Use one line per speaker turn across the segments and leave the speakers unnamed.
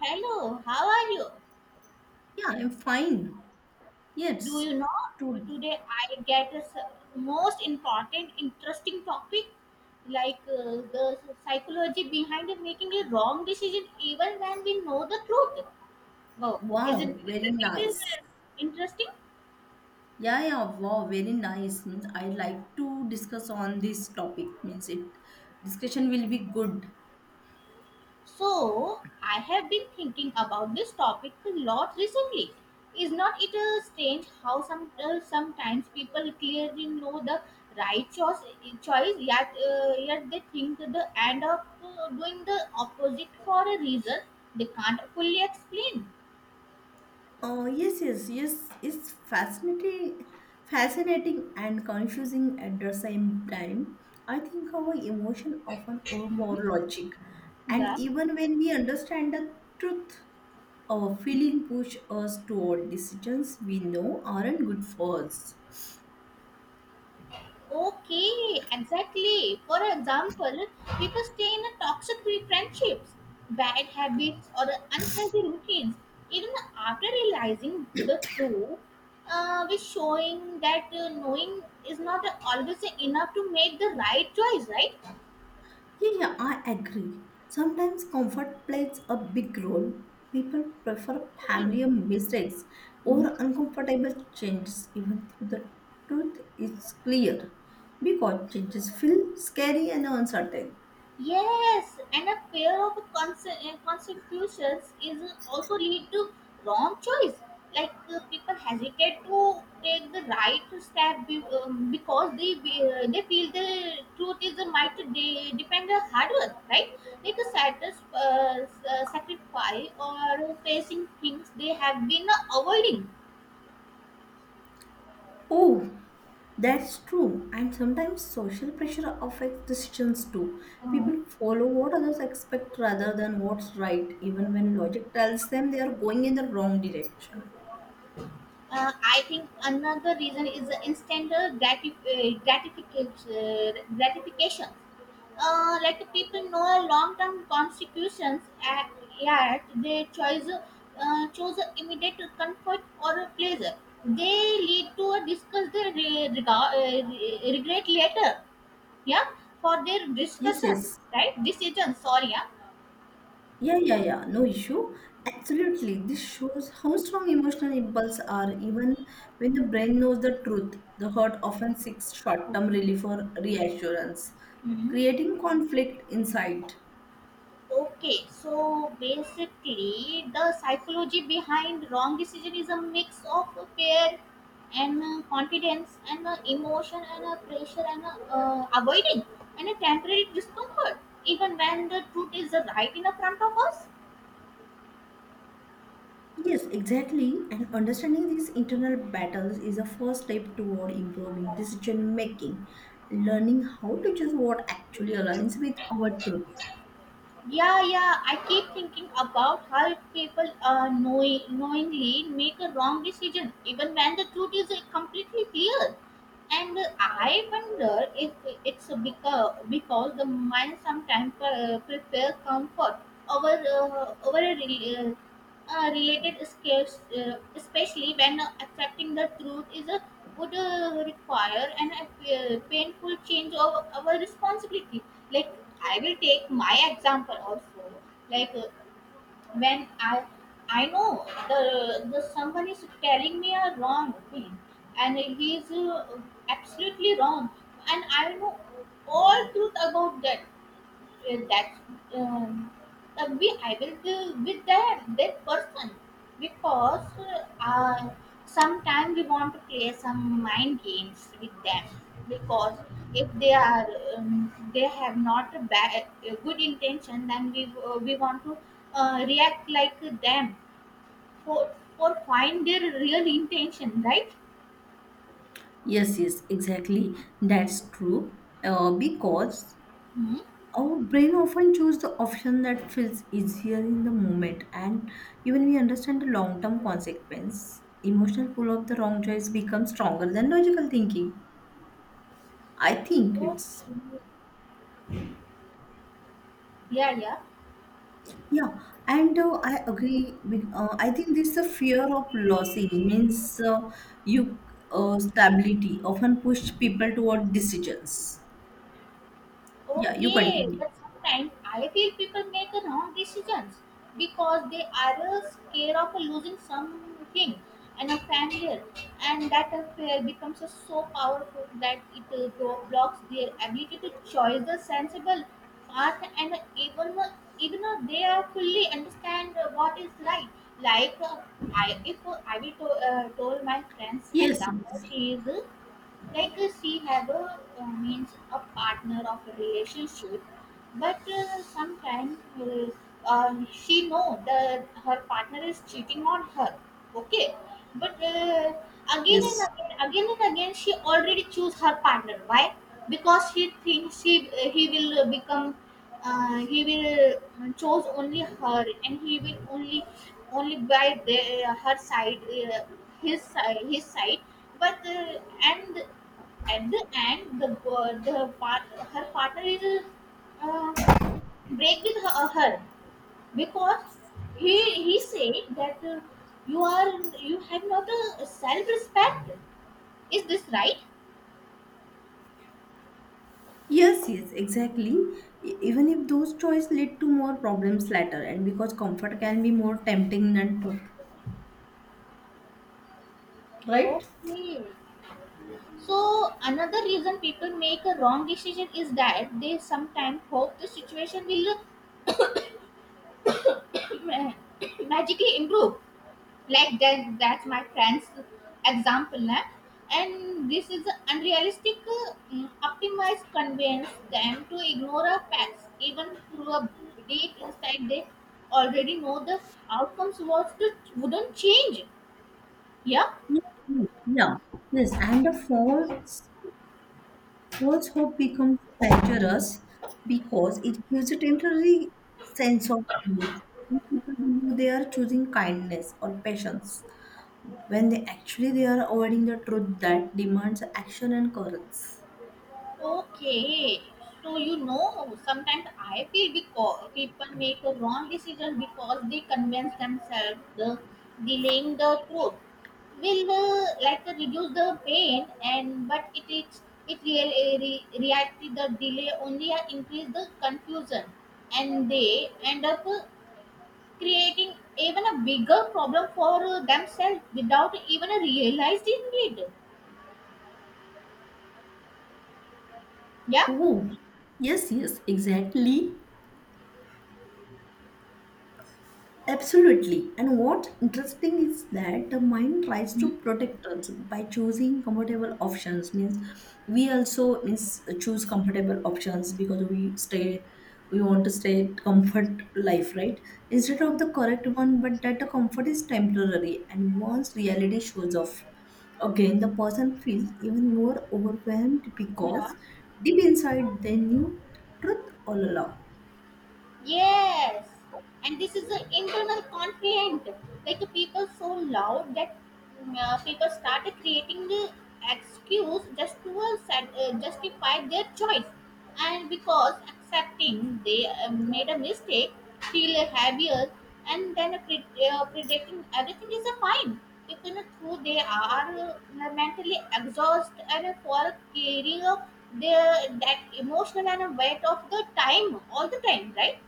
Hello, how are you?
Yeah, I'm fine.
Do
Yes.
you know
To
today I get a most important, interesting topic like the psychology behind the making a wrong decision even when we know the truth. Wow,
wow,
isn't
very
isn't it
nice.
interesting?
Yeah, yeah, wow, very nice. Means I like to discuss on this topic. Means it discussion will be good.
So, I have been thinking about this topic a lot recently. Is not it strange how sometimes people clearly know the right choice yet yet they think that they end up doing the opposite for a reason they can't fully explain?
Oh yes, yes, yes. It's fascinating, fascinating and confusing at the same time. I think our emotion often overpower logic, and
Yeah.
even when we understand the truth, our feeling push us toward decisions we know aren't good for us.
Okay, exactly. For example, people stay in a toxic friendships, bad habits, or unhealthy routines. Even after realizing the truth, we're showing that knowing is not always enough to make the right choice, right?
Yeah, yeah, I agree. Sometimes comfort plays a big role. People prefer
Okay.
familiar mistakes
Hmm.
or uncomfortable changes, even though the truth is clear, because changes feel scary and uncertain.
Yes, and a fear of consequences is also lead to wrong choice. Like people hesitate to take the right step because they they feel the truth is a might depend on hard work, right? Like a sacrifice or facing things they have been avoiding.
Oh, that's true. And sometimes social pressure affects decisions too. People follow what others expect rather than what's right, even when logic tells them they are going in the wrong direction.
Uh, I think another reason is the instant gratification. Like people know long-term consequences. Yeah, they choose immediate comfort or pleasure. They lead to a discuss their regret later. Yeah, for their
Yes,
discussion,
yes.
right? Decision. Sorry. Yeah.
Yeah, yeah, yeah. No issue. Absolutely. This shows how strong emotional impulses are, even when the brain knows the truth. The heart often seeks short term relief or reassurance,
Mhm.
creating conflict inside.
Okay, so basically, the psychology behind wrong decision is a mix of fear and confidence and emotion and pressure and avoiding and a temporary discomfort, even when the truth is right in the front of us.
Yes, exactly. And understanding these internal battles is a first step toward improving decision making, learning how to choose what actually aligns with our truth.
Yeah, yeah. I keep thinking about how people knowingly make a wrong decision, even when the truth is completely clear. And I wonder if because the mind sometimes prefer comfort over a related skills, especially when accepting the truth, would require an painful change of our responsibility. Like I will take my example also. Like when I know the someone is telling me a wrong thing, and he is absolutely wrong, and I know all truth about that yeah, that's um, we I will be with that person because uh, sometimes we want to play some mind games with them because if they are they have not a bad a good intention then we want to react like them for find their real intention right
Yes, yes, exactly. That's true. Because
hmm?
our brain often chooses the option that feels easier in the moment, and even we understand the long term consequence, emotional pull of the wrong choice becomes stronger than logical thinking. I think it's
Okay, yeah, yeah.
yeah, and I agree. I think this the fear of losing means you stability often push people toward decisions. Yeah, you
Okay,
continue.
but sometimes I feel people make a wrong decisions because they are scared of losing something and a failure, and that a fear becomes so powerful that it blocks their ability to choose the sensible path and even even though they are fully understand what is right. Like I, if I will to, told my friend's
Yes,
example,
yes,
she is like she have a means a partner of a relationship but sometimes she know that her partner is cheating on her okay but again and
yes,
again and again she already choose her partner why because she thinks she he will become he will chose only her and he will only only by her side uh, his side but and at the end, her partner is uh, break with her because he said that you are you have not a self respect. Is this right?
yes, yes, exactly. Even if those choices lead to more problems later, and because comfort can be more tempting than truth, right?
Okay. So another reason people make a wrong decision is that they sometimes hope the situation will magically improve like that's my friend's example eh? And this is unrealistic optimized convince them to ignore our facts even through a deep insight they already know the outcomes wouldn't change yeah.
Yeah, yes, and the fourth false hope becomes dangerous because it gives a temporary sense of relief. Some people know they are choosing kindness or patience when they actually they are avoiding the truth that demands action and courage.
Okay, so you know, sometimes I feel because people make a wrong decision because they convince themselves the delaying the truth will reduce the pain, and but it is it really reacted the delay only increase the confusion, and they end up creating even a bigger problem for themselves without even realizing it. Yeah.
Oh, yes, yes, exactly. Absolutely. And what's interesting is that the mind tries
Hmm.
to protect us by choosing comfortable options. Means we also means choose comfortable options because we stay we want to stay at comfort life, right? Instead of the correct one, but that the comfort is temporary and once reality shows off. Again, the person feels even more overwhelmed
Yeah.
because deep inside they knew truth all along.
Yes, and this is the internal conflict. Like people so loud that people started creating the excuse just to justify their choice, and because accepting they made a mistake feel heavier, and then predicting everything is a fine. Even though they are mentally exhausted and for carrying their that emotional and weight of the time all the time, right?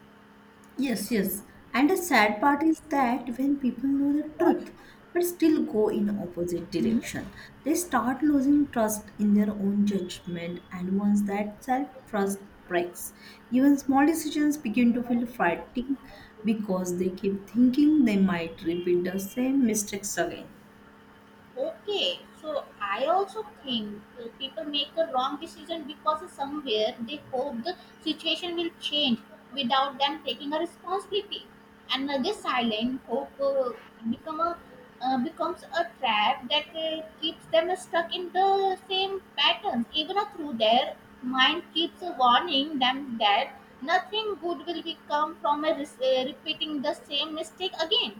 Yes, yes. And the sad part is that when people know the
What?
truth but still go in opposite
Mhm.
direction, they start losing trust in their own judgment and once that self-trust breaks, even small decisions begin to feel frightening because they keep thinking they might repeat the same mistakes again.
Okay, so I also think people make the wrong decision because somewhere they hope the situation will change without them taking a responsibility, and this silent hope become a becomes a trap that keeps them stuck in the same patterns, even through their mind keeps warning them that nothing good will be come from a repeating the same mistake again.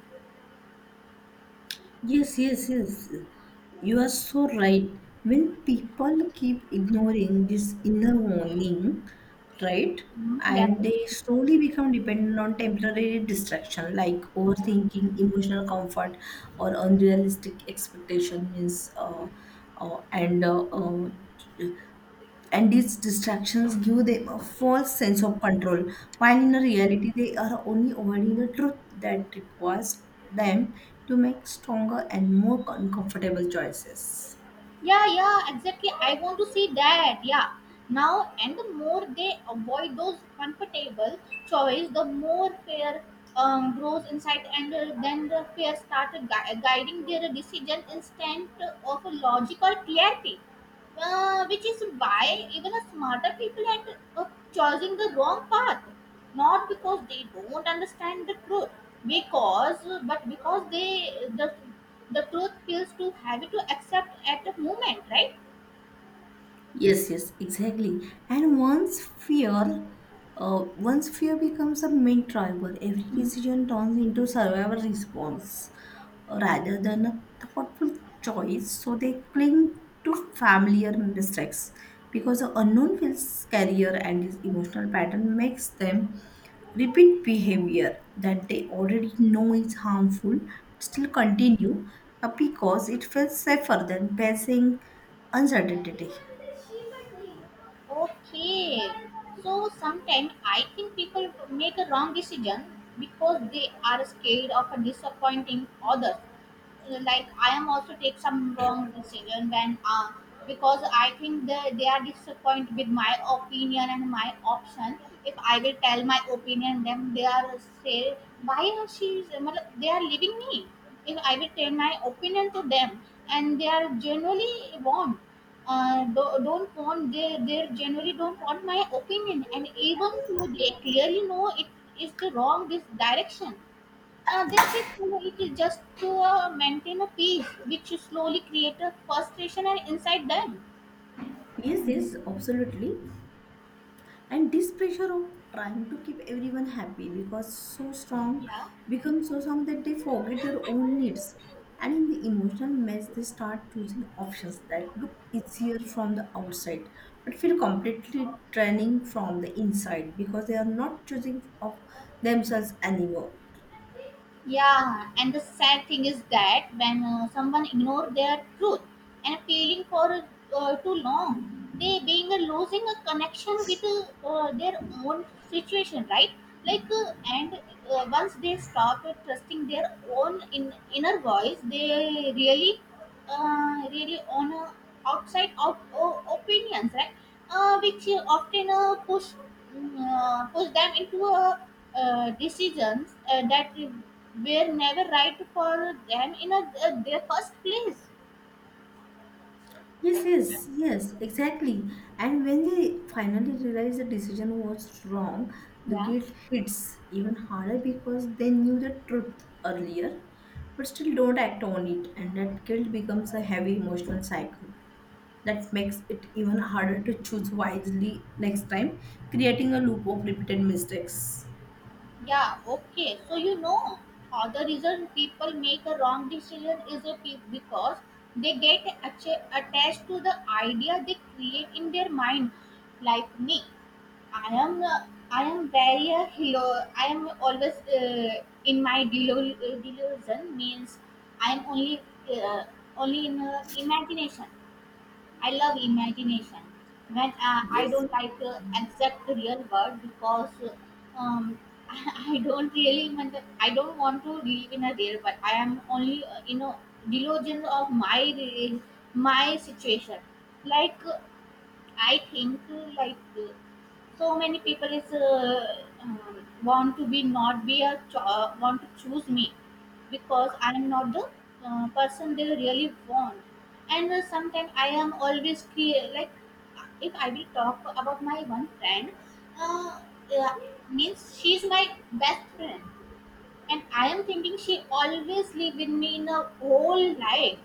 Yes, yes, yes. You are so right. When people keep ignoring this inner warning, right,
Mhm. Yeah,
and
right.
they slowly become dependent on temporary distraction like
Yeah.
overthinking, emotional comfort, or unrealistic expectation means, uh, and uh, uh, and these distractions give them a false sense of control, while in reality they are only avoiding the truth that requires them to make stronger and more uncomfortable choices.
Yeah, yeah, exactly. I want to see that. Yeah. Now, and the more they avoid those comfortable choice, the more fear grows inside, and then the fear started guiding their decision instead of a logical clarity. Which is why even a smarter people end up choosing the wrong path not because they don't understand the truth because but because the truth feels too heavy to accept at the moment, right?
Yes, yes, exactly. And once fear, once fear becomes a main driver, every
Hmm.
decision turns into survival response, rather than a thoughtful choice. So they cling to familiar mistakes because the unknown feels scarier and this emotional pattern makes them repeat behavior that they already know is harmful still continue because it feels safer than facing uncertainty.
Okay, so sometimes I think people make a wrong decision because they are scared of disappointing others, like I am also take some wrong decision when because I think they are disappointed with my opinion and my option. If I will tell my opinion, then they are say why are she is मतलब, they are leaving me. If I will tell my opinion to them, and they are generally want don't want they generally don't want my opinion, and even though they clearly know it is the wrong this direction they think you know, it is just to maintain a peace, which slowly create a frustration and inside them.
Yes, yes, absolutely. And this pressure of trying to keep everyone happy because so strong
Yeah.
becomes so strong that they forget their own needs, and in the emotional mess they start choosing options that look easier from the outside but feel completely draining from the inside because they are not choosing of themselves anymore.
Yeah, and the sad thing is that when someone ignore their truth and feeling for too long, they being losing a connection with their own situation, right? Like and once they stop trusting their own inner voice, they really really on outside of opinions, right? Which often push them into decisions that were never right for them their first place.
Yes, yes, yes, exactly. And when they finally realize the decision was wrong, the
Yeah,
guilt hits even harder because they knew the truth earlier, but still don't act on it. And that guilt becomes a heavy emotional cycle that makes it even harder to choose wisely next time, creating a loop of repeated mistakes.
yeah, okay. So you know, the reason people make a wrong decision is because they get attached to the idea they create in their mind, like me. I am uh, I am very hello. I am always in my delusion means I am only uh, in imagination. I love imagination. When I
Yes.
don't like exact real world because I don't want to live in a real world. I am only you know delusion of my situation. Like I think so many people is want to be not be a cho- want to choose me because I am not the person they really want. And sometimes I am always clear like if I will talk about my one friend, uh, yeah, means she's my best friend, and I am thinking she always live with me in a whole life.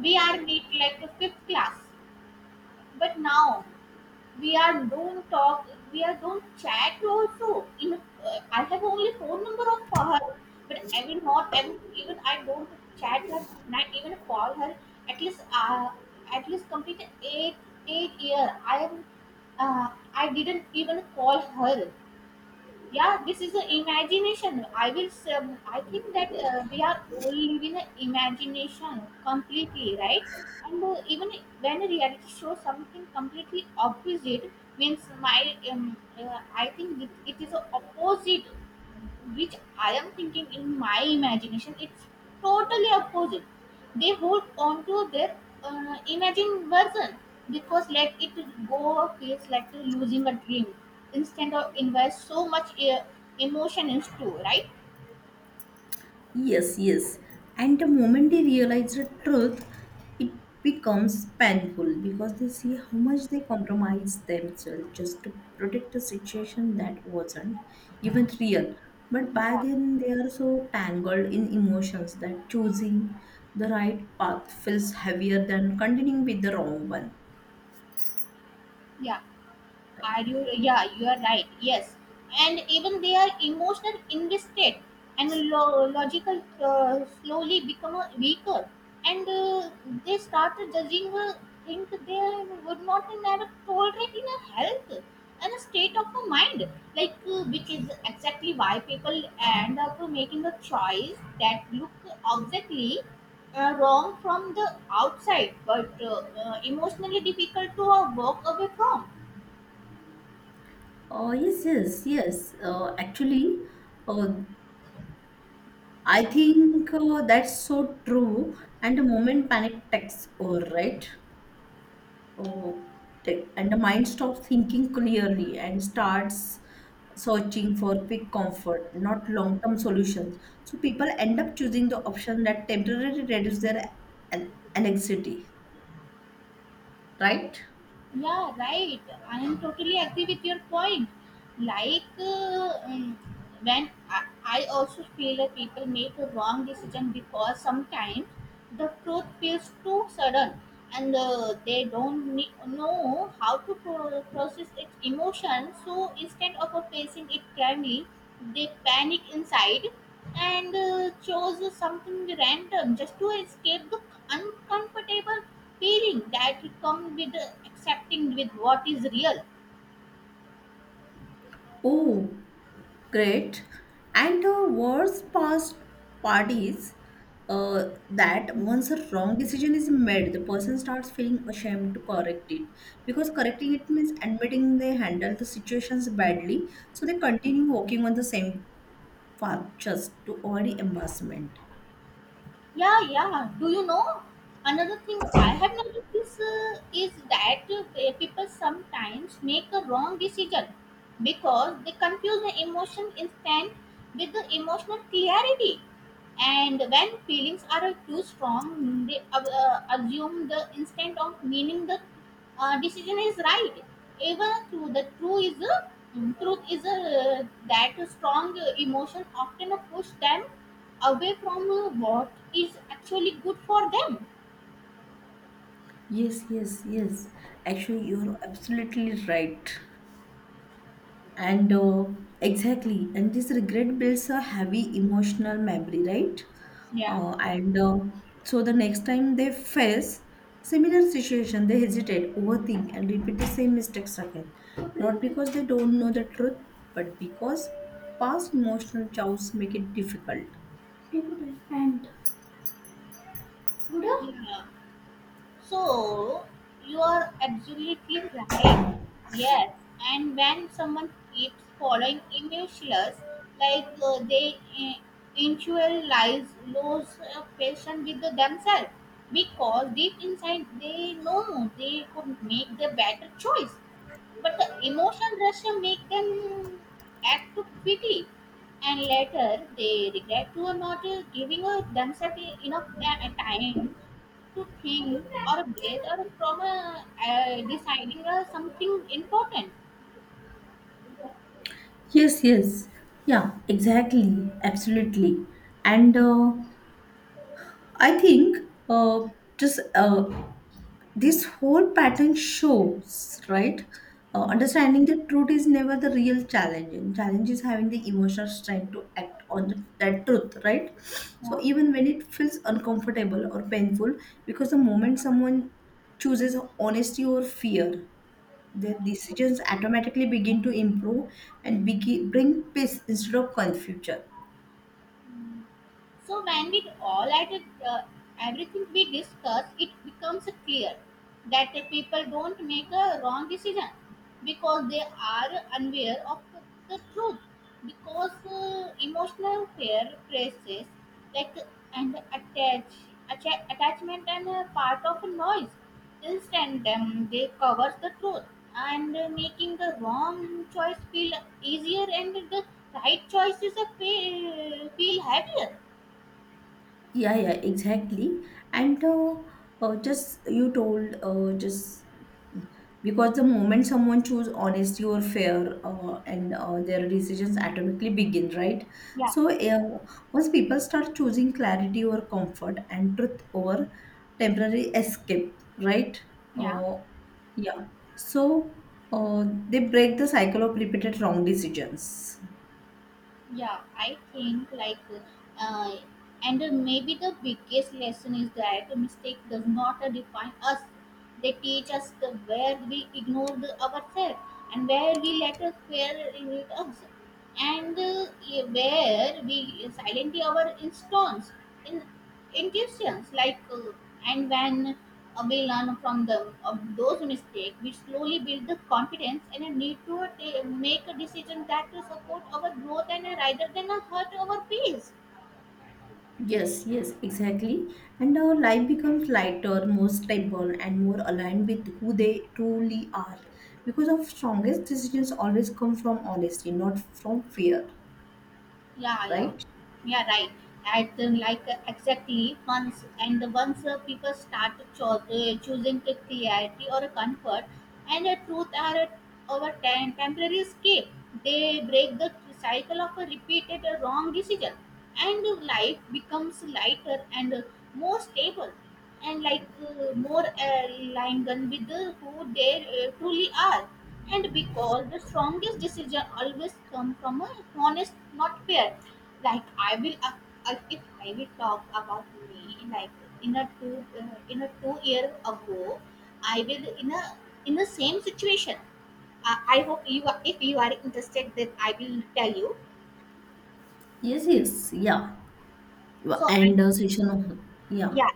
We are meet like a fifth class, but now we are don't talk, we are don't chat also in I have only phone number of her but I will, even I don't chat her, not even call her, at least uh, at least complete eight year I am uh, I didn't even call her. Yeah, this is the imagination I will say, I think that we are all living an imagination completely right. And even when a reality shows something completely opposite means my I think it is a opposite which I am thinking in my imagination, it's totally opposite. They hold on to their imagined version because let it go feels like losing a dream instead of invest so much emotion into right.
Yes, yes. And the moment they realize the truth, it becomes painful because they see how much they compromise themselves just to protect a situation that wasn't even real. But by
Yeah.
then, they are so tangled in emotions that choosing the right path feels heavier than continuing with the wrong one.
Yeah. Are you? Yeah, you are right. Yes, and even they are emotional invested and logical, slowly become a weaker, and they start judging think they would not never tolerate in a health and a state of a mind, like which is exactly why people end up making a choice that look exactly wrong from the outside, but emotionally difficult to walk away from.
Oh, yes, yes, yes. Uh, I think that's so true. And the moment panic takes over, right? Oh, and the mind stops thinking clearly and starts searching for quick comfort, not long term solutions. So people end up choosing the option that temporarily reduces their anxiety, right?
Yeah, right. I am totally agree with your point. Like, when I also feel that people make a wrong decision because sometimes the truth feels too sudden and they don't know how to process its emotion, so instead of facing it calmly they panic inside and chose something random just to escape the uncomfortable feeling that comes with accepting with what is real.
Oh, great. And the worst past part is that once a wrong decision is made, the person starts feeling ashamed to correct it. Because correcting it means admitting they handled the situations badly, so they continue walking on the same path just to avoid embarrassment.
Yeah, yeah. Do you know another thing I have noticed is that people sometimes make a wrong decision because they confuse the emotion instant with the emotional clarity. And when feelings are too strong, they assume the instant of meaning the decision is right. Even through the truth is a, that strong emotion often push them away from what is actually good for them.
Yes, yes, yes. Actually, you're absolutely right. And exactly, and this regret builds a heavy emotional memory, right?
Yeah.
And so the next time they face similar situation, they hesitate, overthink, and repeat the same mistakes again. Not because they don't know the truth, but because past emotional chows make it difficult.
Yeah. So you are absolutely right. Yes, and when someone keeps following emotionless, like they intellectualize, lose patience with the themselves because deep inside they know they could make the better choice, but the emotion rush make them act too quickly, and later they regret to not giving themselves enough time to think or breathe or from a, deciding something important.
Yes, yes. Yeah, exactly. Absolutely. And I think uh, just this whole pattern shows right,
Yeah,
understanding the truth is never the real challenge and challenge is having the emotional strength to act on the, that truth, right? So
yeah.
even when it feels uncomfortable or painful, because the moment someone chooses honesty or fear, their decisions automatically begin to improve and bring peace instead of confusion.
So when we all at uh, everything we discuss, it becomes clear that the people don't make a wrong decision because they are unaware of the truth. Because emotional fear praises like and attachment and part of a noise. Instead, they covers the truth and making the wrong choice feel easier and the right choices feel heavier.
Yeah, yeah, exactly. And just you told just because the moment someone chooses honesty or fair, and their decisions atomically begin, right?
Yeah,
So once people start choosing clarity over comfort and truth over temporary escape, right?
yeah,
Uh, yeah. So they break the cycle of repeated wrong decisions.
yeah. I think like uh, and maybe the biggest lesson is that a mistake does not define us, they teach us the where we ignore the ourselves, and where we let us fear limit us, and where we silently our instance in intuitions like and when we learn from them of those mistakes we slowly build the confidence and a need to make a decision that to support our growth and rather than hurt our peace.
Yes, yes, exactly. And our life becomes lighter, more stable, and more aligned with who they truly are. Because our strongest decisions always come from honesty, not from fear,
Yeah, yeah.
right?
Yeah, right. Like exactly once, and the once people start choosing the clarity or a comfort, and the truth are our temporary escape. They break the cycle of a repeated wrong decision, and life becomes lighter and more stable, and like more aligned with the who they truly are. And because the strongest decision always come from a honest, not fear. Like, I will if I will talk about me, like in a 2 year ago I will in a in the same situation, I hope you are, if you are interested then I will tell you.
Yes, yes, yeah.
So I,
And session, yeah.
yeah,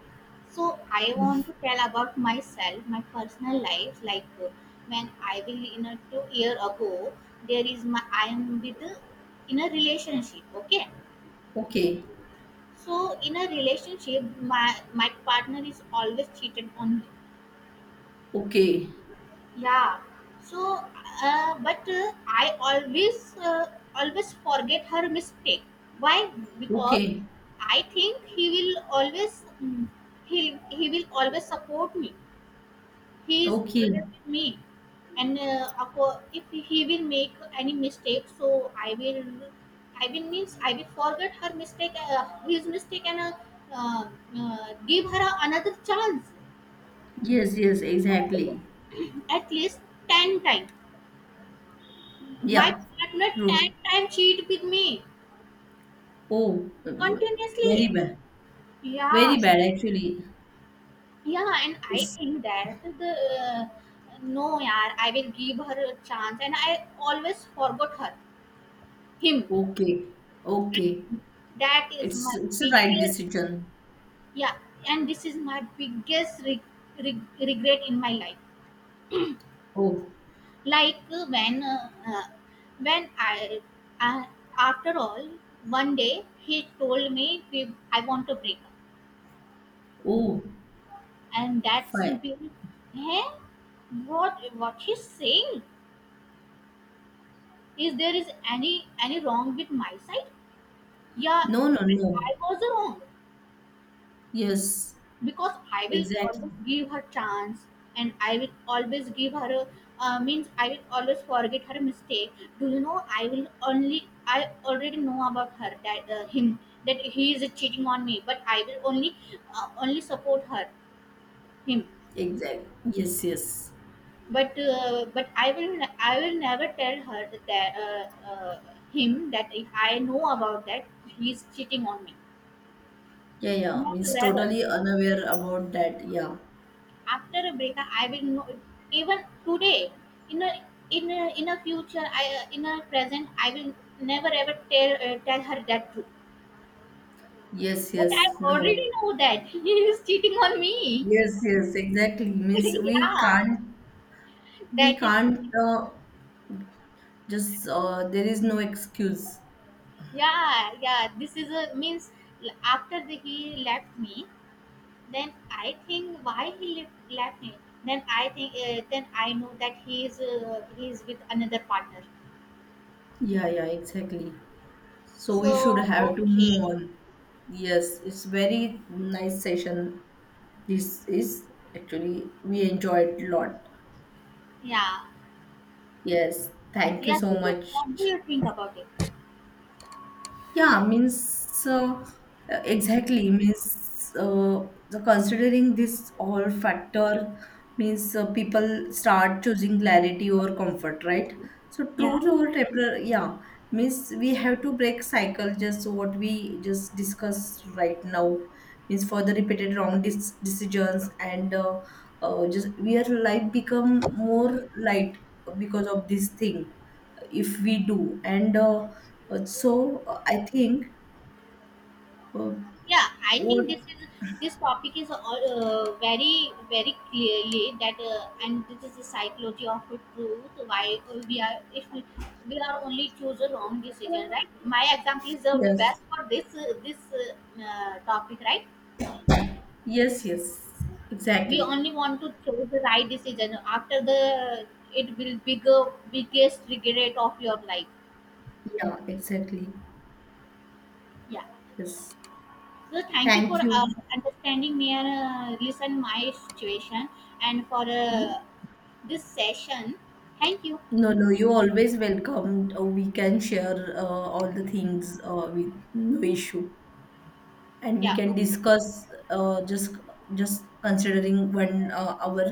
so I want to tell about myself, my personal life, like when I will in a 2 year ago there is my I am with in a relationship, okay.
Okay,
So in a relationship, my partner is always cheated on me.
okay,
Yeah. So, but I always forget her mistake. Why? Because
okay,
I think he will always support me. He is
okay.
always with me, and of course, if he will make any mistake, so I will means I will forget his mistake, and uh, give her another chance
Yes, yes, exactly.
at least 10 times. My
Yeah,
partner 10
true.
times cheat with me
Oh,
continuously.
very bad.
Yeah,
Very bad, actually.
yeah, and I
It's
think that the no, yaar, I will give her a chance, and I always forgot her, him.
okay, okay.
That is
It's
my
a right
biggest,
decision.
yeah, and this is my biggest regret in my life.
Oh,
Like, when I, after all one day he told me, I want to break
oh,
up," and that's
fine.
been. Hey, what he's saying, is there is any any wrong with my side? Yeah,
No, no, no.
I was wrong
Yes,
because I will
exactly.
always give her chance. And I will always give her means I will always forget her mistake. Do you know I will only I already know about her, that him, that he is cheating on me, but I will only support her, him.
Exactly. Yes, yes.
But I will never tell her that him, that if I know about that he is cheating on me.
Yeah, yeah.
Not
Means
ever.
totally unaware about that. Yeah.
After a breakup I will know. Even today, in a in a future, I in a present I will never ever tell her that truth.
Yes,
But I
yes.
already
No.
know that he is cheating on me.
Yes, yes. Exactly. Means we
Yeah.
can't. We
That is
can't. Uh, just there is no excuse.
yeah. Yeah, this is a means, after he left me, then I think why he left me, then I think then I know that he is with another partner.
Yeah, yeah. Exactly. So we should
So
have to
okay.
move on. Yes, it's very nice session. This is actually, we enjoyed a lot.
Yeah.
Yes, thank you
Yeah,
so
so
much.
what do you think about it?
Yeah, means exactly means the considering this all factor means people start choosing clarity over comfort, right? So
Yeah,
truth over temporary, yeah, means we have to break cycle just what we just discussed right now. Means for the repeated wrong decisions and just where life become more light because of this thing if we do. And so I think uh,
yeah. I
what
think this topic is all very very clearly that and this is the psychology of the truth. Why we are, if we, we are only choose a wrong decision, right? My example is the
yes,
best for this topic, right?
yes, yes,
We
exactly.
only want to choose the right decision. After the, it will be the biggest regret of your life.
Yeah, exactly.
Yeah.
Yes.
Well, thank you for
Thank you.
understanding me and listen my situation and for
No,
this session. Thank you.
no, you always welcome. We can share all the things with no issue, and we
Yeah.
can
Okay.
discuss uh, just just considering when our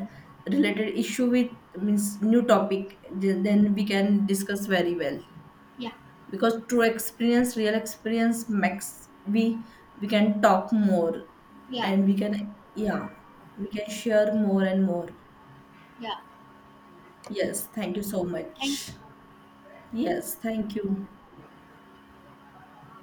related issue with means new topic. Then we can discuss very well.
Yeah.
Because true experience real experience makes we can talk more
Yeah.
and we can yeah we can share more and more.
Yeah.
Yes, thank you so
Okay. Thank
much.
you.
Yes, thank you.